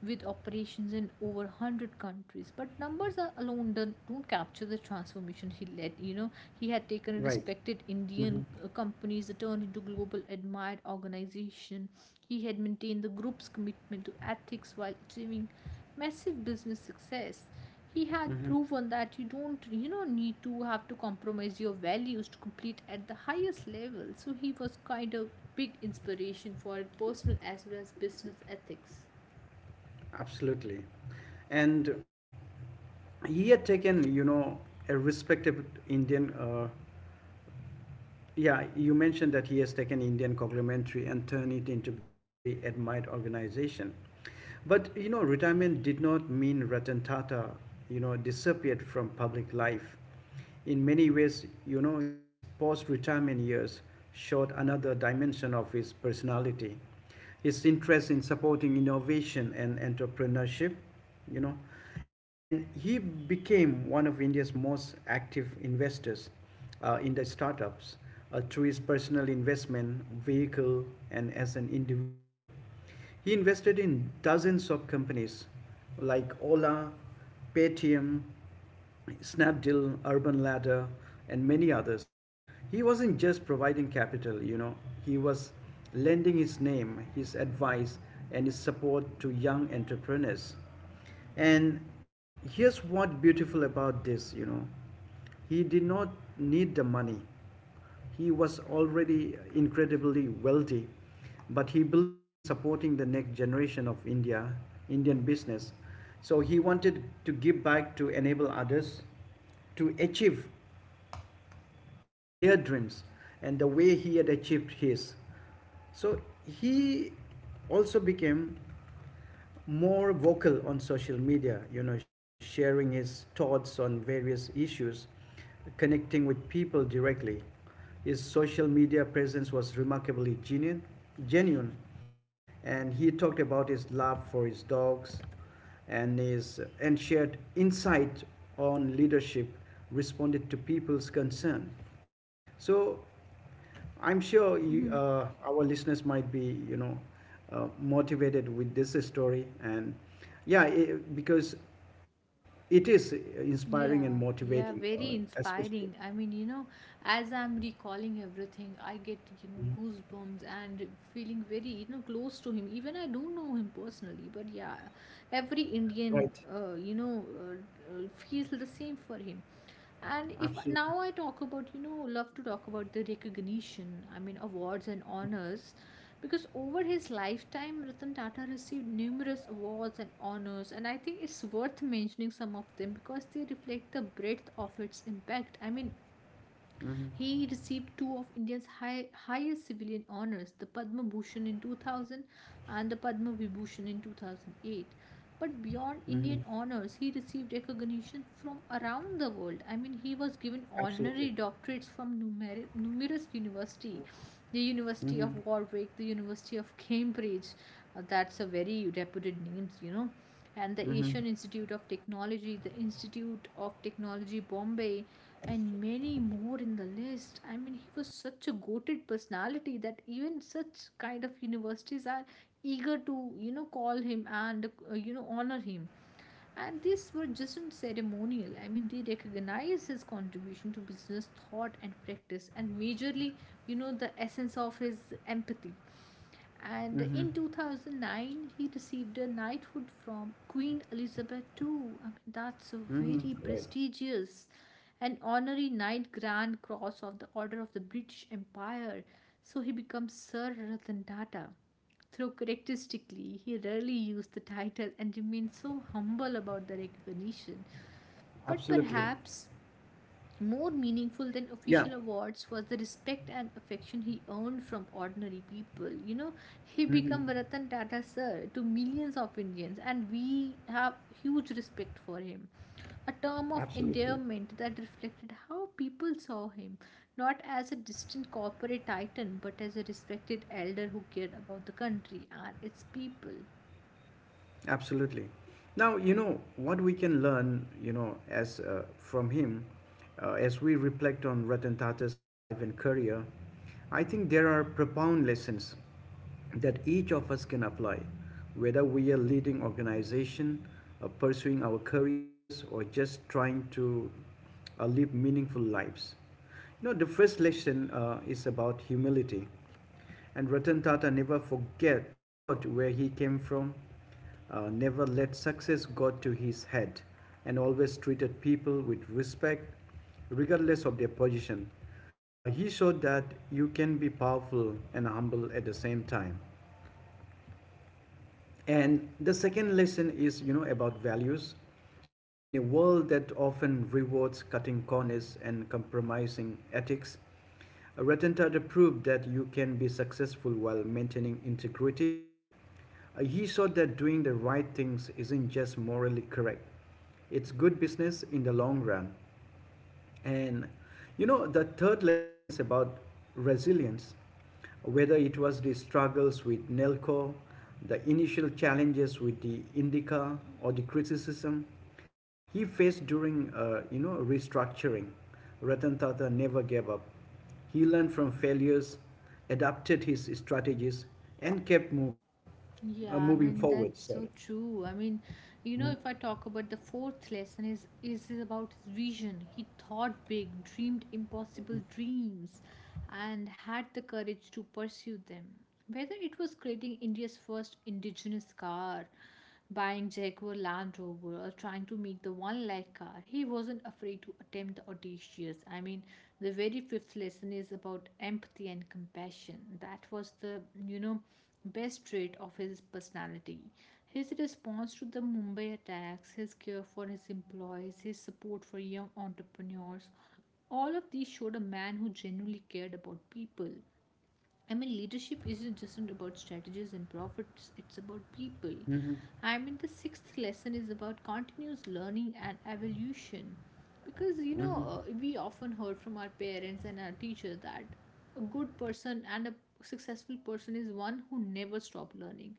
with operations in over 100 countries, but numbers are alone don't capture the transformation he led. You know, he had taken a Right. respected Mm-hmm. Indian company's companies, turned into global admired organization. He had maintained the group's commitment to ethics while achieving massive business success. He had Mm-hmm. proven that you don't, you know, need to have to compromise your values to compete at the highest level. So he was kind of big inspiration for personal as well as business ethics. Absolutely. And he had taken, a respected Indian, yeah, you mentioned that he has taken Indian conglomerate and turned it into globally admired organization. But, retirement did not mean Ratan Tata, disappeared from public life. In many ways, his post-retirement years showed another dimension of his personality, his interest in supporting innovation and entrepreneurship you know and he became one of India's most active investors, in the startups, through his personal investment vehicle and as an individual. He invested in dozens of companies like Ola, Paytm, Snapdeal, Urban Ladder, and many others. He wasn't just providing capital, you know, he was lending his name, his advice, and his support to young entrepreneurs. And here's what beautiful about this. He did not need the money. He was already incredibly wealthy, but he believed in supporting the next generation of India, Indian business. So he wanted to give back to enable others to achieve their dreams and the way he had achieved his. So he also became more vocal on social media, you know, sharing his thoughts on various issues, connecting with people directly. His social media presence was remarkably genuine, and he talked about his love for his dogs and shared insight on leadership, responded to people's concern. So I'm sure you, Mm-hmm. uh, our listeners might be. Motivated with this story. And yeah, because it is inspiring and Yeah, yeah, motivating, very especially. inspiring. I mean, you know, as I'm recalling everything, I get, you know, Mhm. goosebumps and feeling very, you know, close to him. Even I don't know him personally, but yeah, every Indian, Right. Feels the same for him. And if now I Absolutely. talk about, you know, love to talk about the recognition, I mean, awards and honors because over his lifetime Ratan Tata received numerous awards and honors, and I think it's worth mentioning some of them because they reflect the breadth of its impact. I mean, Hmm. he received two of India's highest civilian honors, the Padma Bhushan in 2000 and the Padma Vibhushan in 2008. But beyond Indian Hmm. honors, he received recognition from around the world. I mean, he was given honorary Absolutely. doctorates from numerous universities, the University Hmm. of Warwick, the University of Cambridge. That's a very reputed names, you know. And the Asian Hmm. Institute of Technology, the Institute of Technology Bombay, and many more in the list. I mean, he was such a goated personality that even such kind of universities are eager to, you know, call him and, you know, honor him, and these were just ceremonial. I mean, they recognize his contribution to business thought and practice, and majorly, you know, the essence of his empathy. And Hmm. in 2009 he received a knighthood from Queen Elizabeth II. I mean, that's a Hmm. very prestigious, an honorary Knight Grand Cross of the Order of the British Empire. So he becomes Sir Ratan Tata. Though characteristically, he rarely used the title and remained so humble about the recognition. But Absolutely. perhaps more meaningful than Yeah. official awards was the respect and affection he earned from ordinary people. You know, he Hmm. became Ratan Tata Sir to millions of Indians, and we have huge respect for him. A term of Absolutely. endearment that reflected how people saw him, not as a distant corporate titan, but as a respected elder who cared about the country and its people. Absolutely. Now, you know, what we can learn, you know, as from him, as we reflect on Ratan Tata's life and career, I think there are profound lessons that each of us can apply, whether we are leading organization, pursuing our careers, or just trying to live meaningful lives. You know, the first lesson is about humility. And Ratan Tata never forget forgot where he came from, never let success got to his head, and always treated people with respect, regardless of their position. He showed that you can be powerful and humble at the same time. And the second lesson is, you know, about values. In a world that often rewards cutting corners and compromising ethics, Ratan Tata proved that you can be successful while maintaining integrity. He saw that doing the right things isn't just morally correct, it's good business in the long run. And, you know, the third lesson is about resilience, whether it was the struggles with Nelco, the initial challenges with the Indica, or the criticism he faced during restructuring. Ratan Tata never gave up. He learned from failures, adapted his strategies, and kept moving Yeah, uh, I moving mean forward, that's sorry. so true. I mean, you know, if I talk about the fourth lesson, is about his vision. He thought big, dreamed impossible dreams, and had the courage to pursue them. Whether it was creating India's first indigenous car, buying Jaguar Land Rover, or trying to make the one lakh car, he wasn't afraid to attempt the audacious. I mean, the very fifth lesson is about empathy and compassion. That was the you know best trait of his personality. His response to the Mumbai attacks, his care for his employees, his support for young entrepreneurs, all of these showed a man who genuinely cared about people. I mean, leadership isn't just about strategies and profits, it's about people. Mm-hmm. I mean, the sixth lesson is about continuous learning and evolution. Because, you know, we often heard from our parents and our teacher that a good person and a successful person is one who never stop learning,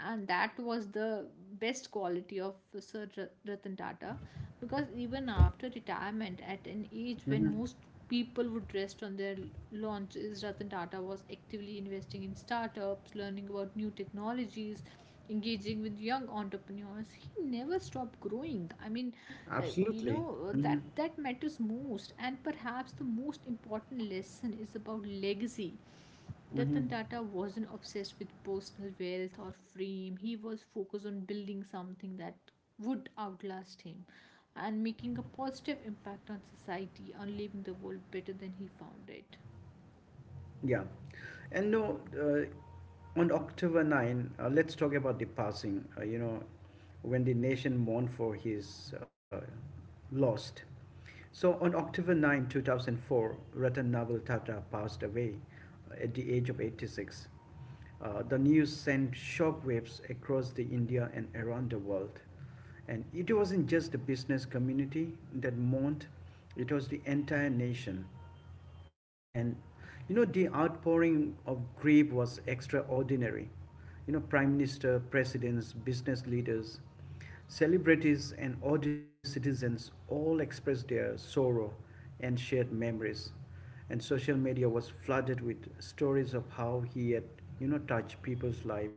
and that was the best quality of Sir Ratan Tata, because even after retirement at an age when most people would rest on their launches, Ratan Tata was actively investing in startups, learning about new technologies, engaging with young entrepreneurs. He never stopped growing. I mean you Absolutely. know, that Mhm. that matters most, and perhaps the most important lesson is about legacy. Mhm. Ratan Tata wasn't obsessed with personal wealth or fame. He was focused on building something that would outlast him and making a positive impact on society and leaving the world better than he found it. Yeah, and no, on October 9, let's talk about the passing, when the nation mourned for his lost. So on October 9, 2004, Ratan Naval Tata passed away at the age of 86. The news sent shockwaves across the India and around the world. And it wasn't just the business community that mourned, it was the entire nation. And, you know, the outpouring of grief was extraordinary. You know, prime minister, presidents, business leaders, celebrities, and ordinary citizens all expressed their sorrow and shared memories. And social media was flooded with stories of how he had, you know, touched people's lives,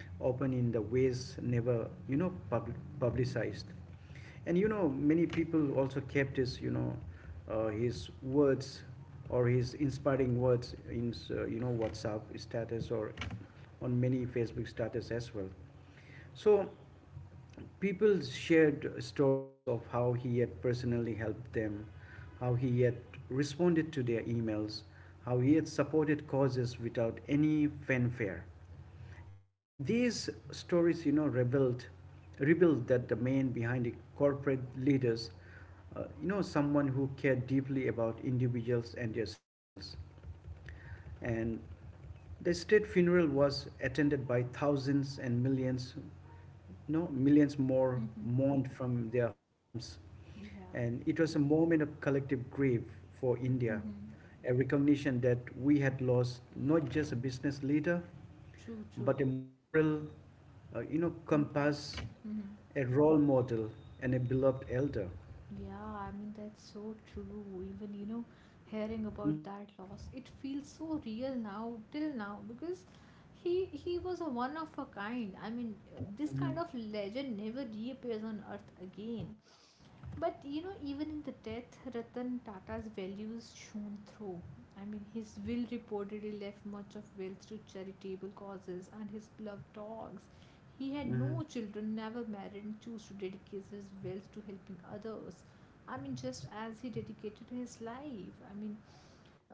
often in the ways never, publicized. And many people also kept his words or his inspiring words in, WhatsApp status or on many Facebook status as well. So people shared stories of how he had personally helped them, how he had responded to their emails, how he had supported causes without any fanfare. And these stories, rebuild that domain behind the corporate leaders, someone who cared deeply about individuals and their struggles. And the state funeral was attended by thousands and millions, no, millions more Mm-hmm. mourned from their homes. Yeah. And it was a moment of collective grief for India, Mm-hmm. a recognition that we had lost not just a business leader, True, but true. a moral, Compass. compass, Mm-hmm. a role model, and a beloved elder. Yeah, I mean, that's so true. Even, you know, hearing about Mhm. that loss, it feels so real now, till now, because he was a one of a kind. I mean, this kind Mhm. of legend never reappears on Earth again. But you know, even in the death, Ratan Tata's values shone through. I mean, his will reportedly left much of wealth to charitable causes and his beloved dogs. He had Mhm. no children, never married, and chose to dedicate his wealth to helping others. I mean, just as he dedicated his life. I mean,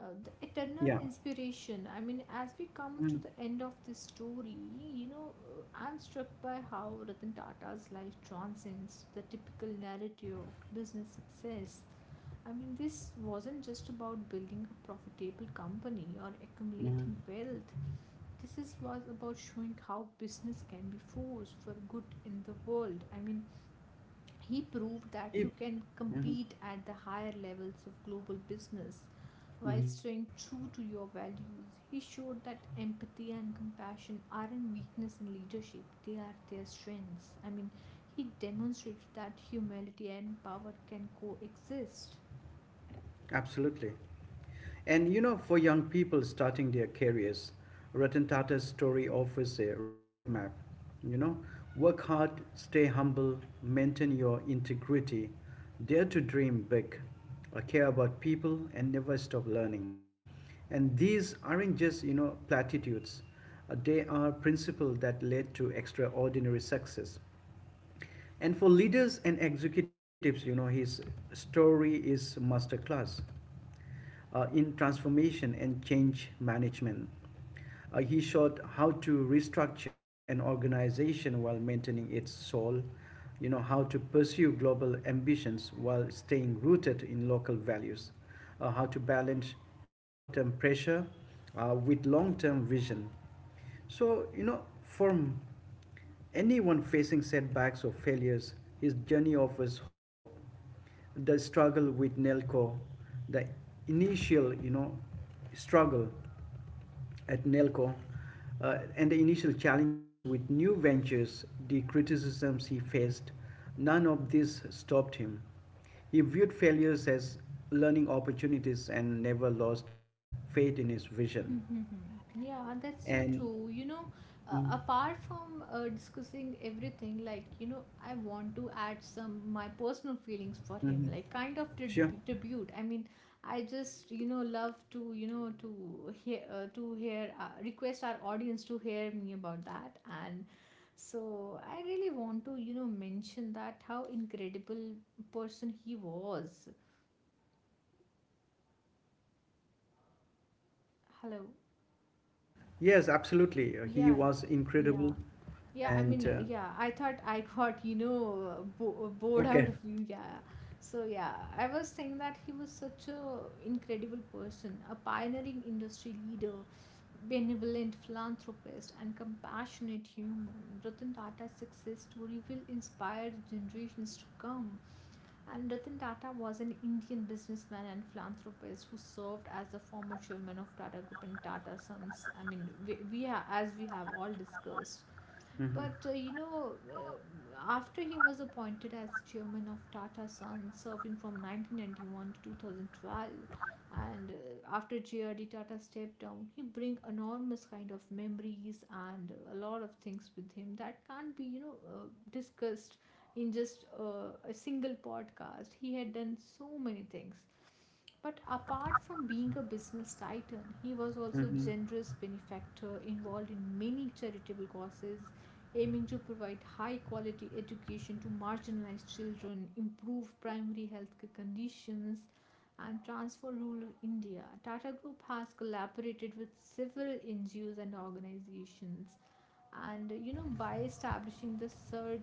the eternal Yeah. inspiration. I mean, as we come to Mhm. the end of this story, you know, I'm struck by how Ratan Tata's life transcends the typical narrative of business success. I mean, this wasn't just about building a profitable company or Mhm. accumulating wealth. Was about showing how business can be force for good in the world. I mean, he proved that you If- can mhm, compete at the higher levels of global business while Mhm. staying true to your values. He showed that empathy and compassion aren't weakness in leadership, they are their strengths. I mean, he demonstrated that humility and power can coexist. Absolutely. And for young people starting their careers, Ratan Tata's story offers a roadmap. You know, work hard, stay humble, maintain your integrity, dare to dream big, care about people, and never stop learning. And these aren't just, platitudes. They are principles that led to extraordinary success. And for leaders and executives, his story is masterclass in transformation and change management. He showed how to restructure an organization while maintaining its soul, how to pursue global ambitions while staying rooted in local values, how to balance short term pressure with long term vision. So, for anyone facing setbacks or failures, his journey offers hope. The struggle with Nelco, the initial, struggle at Nelco, and the initial challenges with new ventures, the criticisms he faced, none of this stopped him. He viewed failures as learning opportunities and never lost faith in his vision. Yeah, that's so And true. Mhm, Apart from discussing everything, like, I want to add some my personal feelings for him, mhm. like kind of Sure. tribute. I mean, I just, love to, you know, to hear, request our audience to hear me about that. And so I really want to, mention that how incredible person he was. Hello. Yes, absolutely. He Yeah, yeah, was yeah. incredible. Yeah, I And mean, yeah, I thought I got, bored out of okay. you. Yeah. So, yeah, I was saying that he was such a incredible person, a pioneering industry leader, benevolent philanthropist, and compassionate human. Ratan Tata's success story will inspire generations to come. And Ratan Tata was an Indian businessman and philanthropist who served as the former chairman of Tata Group and Tata Sons. I mean, we as we have all discussed, Hmm. but after he was appointed as chairman of Tata Sons, serving from 1991 to 2012, and after JRD Tata stepped down, he bring enormous kind of memories and a lot of things with him that can't be discussed in just a single podcast. He had done so many things. But apart from being a business titan, he was also a Hmm. generous benefactor involved in many charitable causes, aiming to provide high quality education to marginalized children, improve primary health conditions, and transform rural India. Tata Group has collaborated with several NGOs and organizations, and by establishing the Sir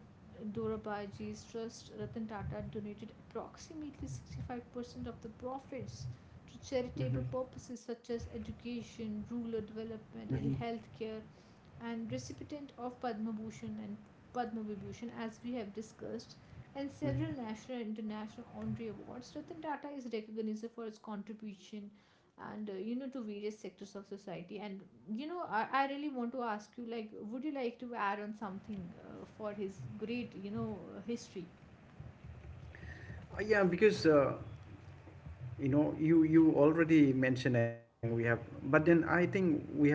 Dorabaji's trust, Ratan Tata donated approximately 65% of the profits to charitable Hmm. purposes such as education, rural development, and Hmm. healthcare, and recipient of Padma Bhushan and Padma Vibhushan, as we have discussed, and several Hmm. national and international honorary awards, Ratan Tata is recognized for his contribution and to various sectors of society. And I really want to ask you, like, would you like to add on something for his great, history? Yeah, because you know, you already mentioned everything we have, but then I think we have,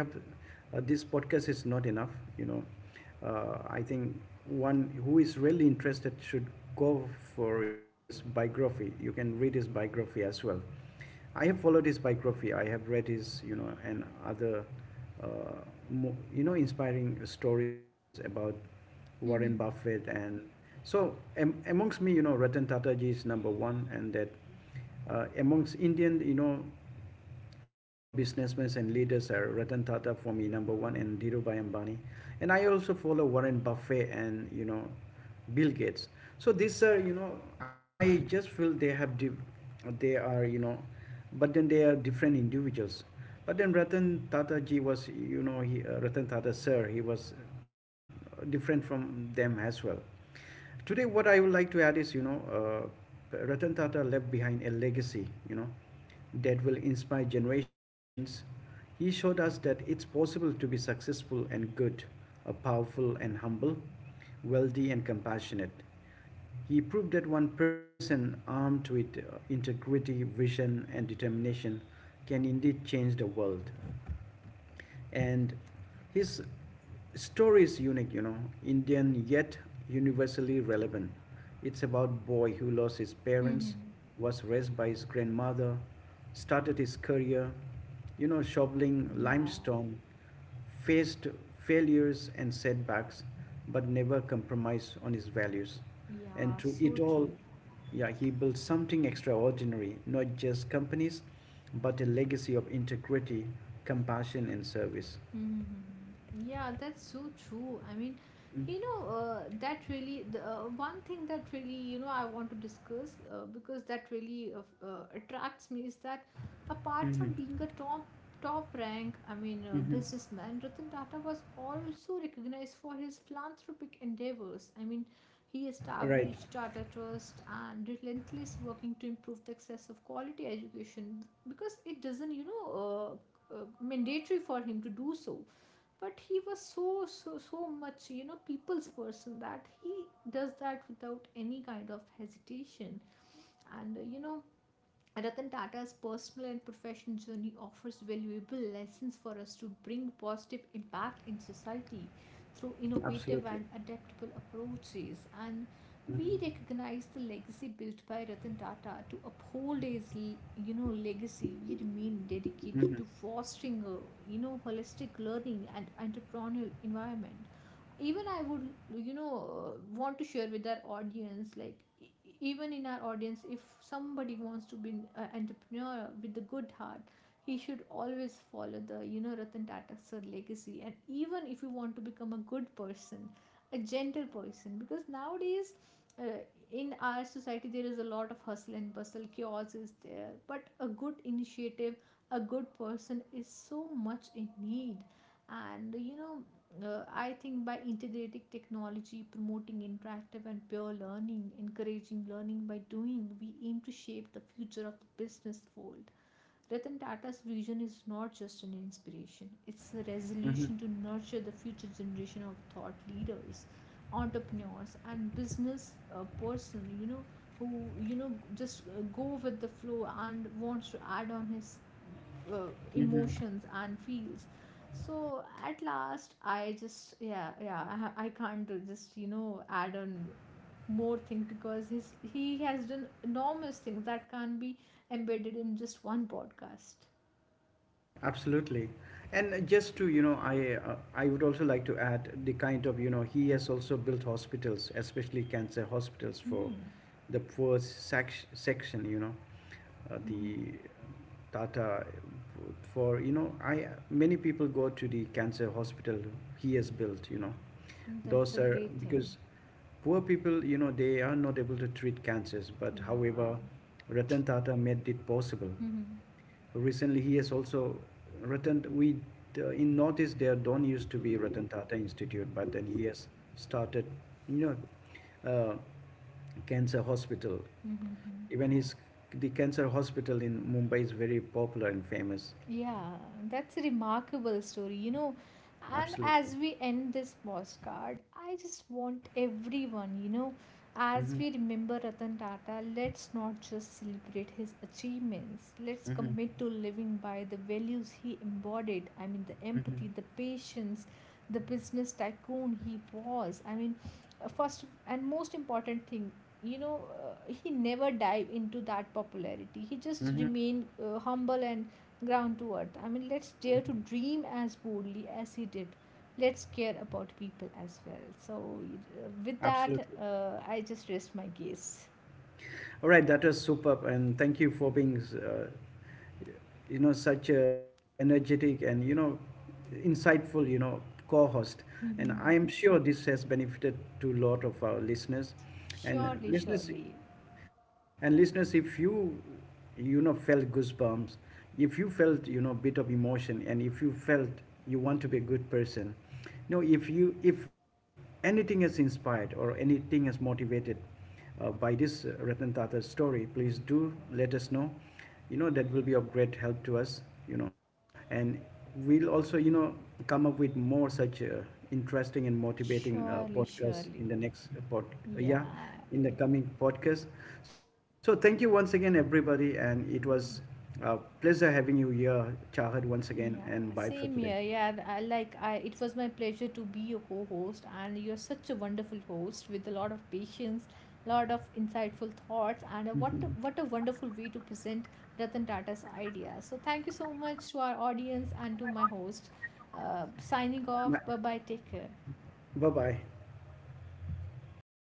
this podcast is not enough. You know, I think one who is really interested should go for his biography. You can read his biography as well. I have followed his biography. I have read his, and other, uh, you know, inspiring stories about Warren Mm-hmm. Buffett. And so, am amongst me, Ratan Tata ji is number one, and that amongst Indian, top businessmen and leaders are Ratan Tata for me number one and Dhirubhai Ambani, and I also follow Warren Buffett and Bill Gates. So these are I just feel they have they are, but then they are different individuals. But then Ratan Tata ji was, he Ratan Tata sir he was different from them as well. Today, what I would like to add is, Ratan Tata left behind a legacy, that will inspire generations. He showed us that it's possible to be successful and good, powerful and humble, wealthy and compassionate. He proved that one person armed with integrity, vision, and determination can indeed change the world, and his story is unique, Indian yet universally relevant. It's about a boy who lost his parents, Mm-hmm. was raised by his grandmother, started his career, shoveling limestone, faced failures and setbacks, but never compromised on his values. And Yeah, through it so all, true. yeah, he built something extraordinary, not just companies, but a legacy of integrity, compassion, and service. Mm-hmm. Yeah, that's so true. I mean, that really, the one thing that really, I want to discuss because that really attracts me is that apart from Mm-hmm. being a top rank, I mean, Mm-hmm. businessman, Ratan Tata was also recognized for his philanthropic endeavors. I mean, he Right, established Tata Trust and relentless working to improve the access of quality education because it doesn't, mandatory for him to do so, but he was so so so much people's person that he does that without any kind of hesitation. And Ratan Tata's personal and professional journey offers valuable lessons for us to bring positive impact in society through innovative absolutely. and adaptable approaches. And Mm-hmm. we recognize the legacy built by Ratan Tata. To uphold his, legacy, we remain Mm-hmm. dedicated to fostering a, holistic learning and entrepreneurial environment. Even I would you know want to share with our audience, like even in our audience, if somebody wants to be an entrepreneur with a good heart, he should always follow the Ratan Tata sir legacy. And even if you want to become a good person, a gentle person, because nowadays, uh, in our society there is a lot of hustle and bustle, chaos is there, but a good initiative, a good person is so much in need. And I think by integrating technology, promoting interactive and peer learning, encouraging learning by doing, we aim to shape the future of the business world. Ratan Tata's vision is not just an inspiration, it's a resolution to nurture the future generation of thought leaders, entrepreneurs, and business person, who, just go with the flow and wants to add on his uh, emotions and feels. So at last, I just, yeah, yeah, I can't do just, add on more thing, because his he has done enormous things that can't be embedded in just one podcast. Absolutely. And just to, I would also like to add the kind of, he has also built hospitals, especially cancer hospitals for Mm-hmm. the section, the Mm-hmm. Tata for, I many people go to the cancer hospital he has built, you know. That's Those a are great because thing. poor people, they are not able to treat cancers, but however, Yeah. Ratan Tata made it possible. Mm-hmm. Recently, he has also written. We, in Northeast there don't used to be Ratan Tata Institute, but then he has started, you know, uh, cancer hospital. Mm-hmm. Even his the cancer hospital in Mumbai is very popular and famous. Yeah, that's a remarkable story. And Absolutely, as we end this postcard, I just want everyone, as we remember Ratan Tata, let's not just celebrate his achievements. Let's commit to living by the values he embodied. I mean, the empathy, the patience, the business tycoon he was. I mean, first and most important thing, he never dive into that popularity. He just remained humble and ground to earth. I mean, let's dare to dream as boldly as he did. Let's care about people as well. So, with that, absolutely. I just rest my case. All right, that was superb, and thank you for being, such a energetic and, insightful, co-host. And I am sure this has benefited to a lot of our listeners, Surely, and surely, listeners, and listeners, if you, felt goosebumps, if you felt, bit of emotion, and if you felt you want to be a good person, if you if anything has inspired or anything has motivated by this Ratan Tata's story, please do let us know. You know, that will be of great help to us, you know. And we'll also, come up with more such interesting and motivating surely, podcasts surely. in the next pod, yeah, Yeah, in the yeah. coming podcast. So thank you once again, everybody. And it was Mm. a pleasure having you here, Chahat, once again. And bye Yeah, for today. same here. Yeah, it was my pleasure to be your co-host, and you're such a wonderful host with a lot of patience, lot of insightful thoughts, and what a wonderful way to present Ratan Tata's idea. So thank you so much to our audience and to my host. Signing Bye off. Bye bye. Take care. bye. Oh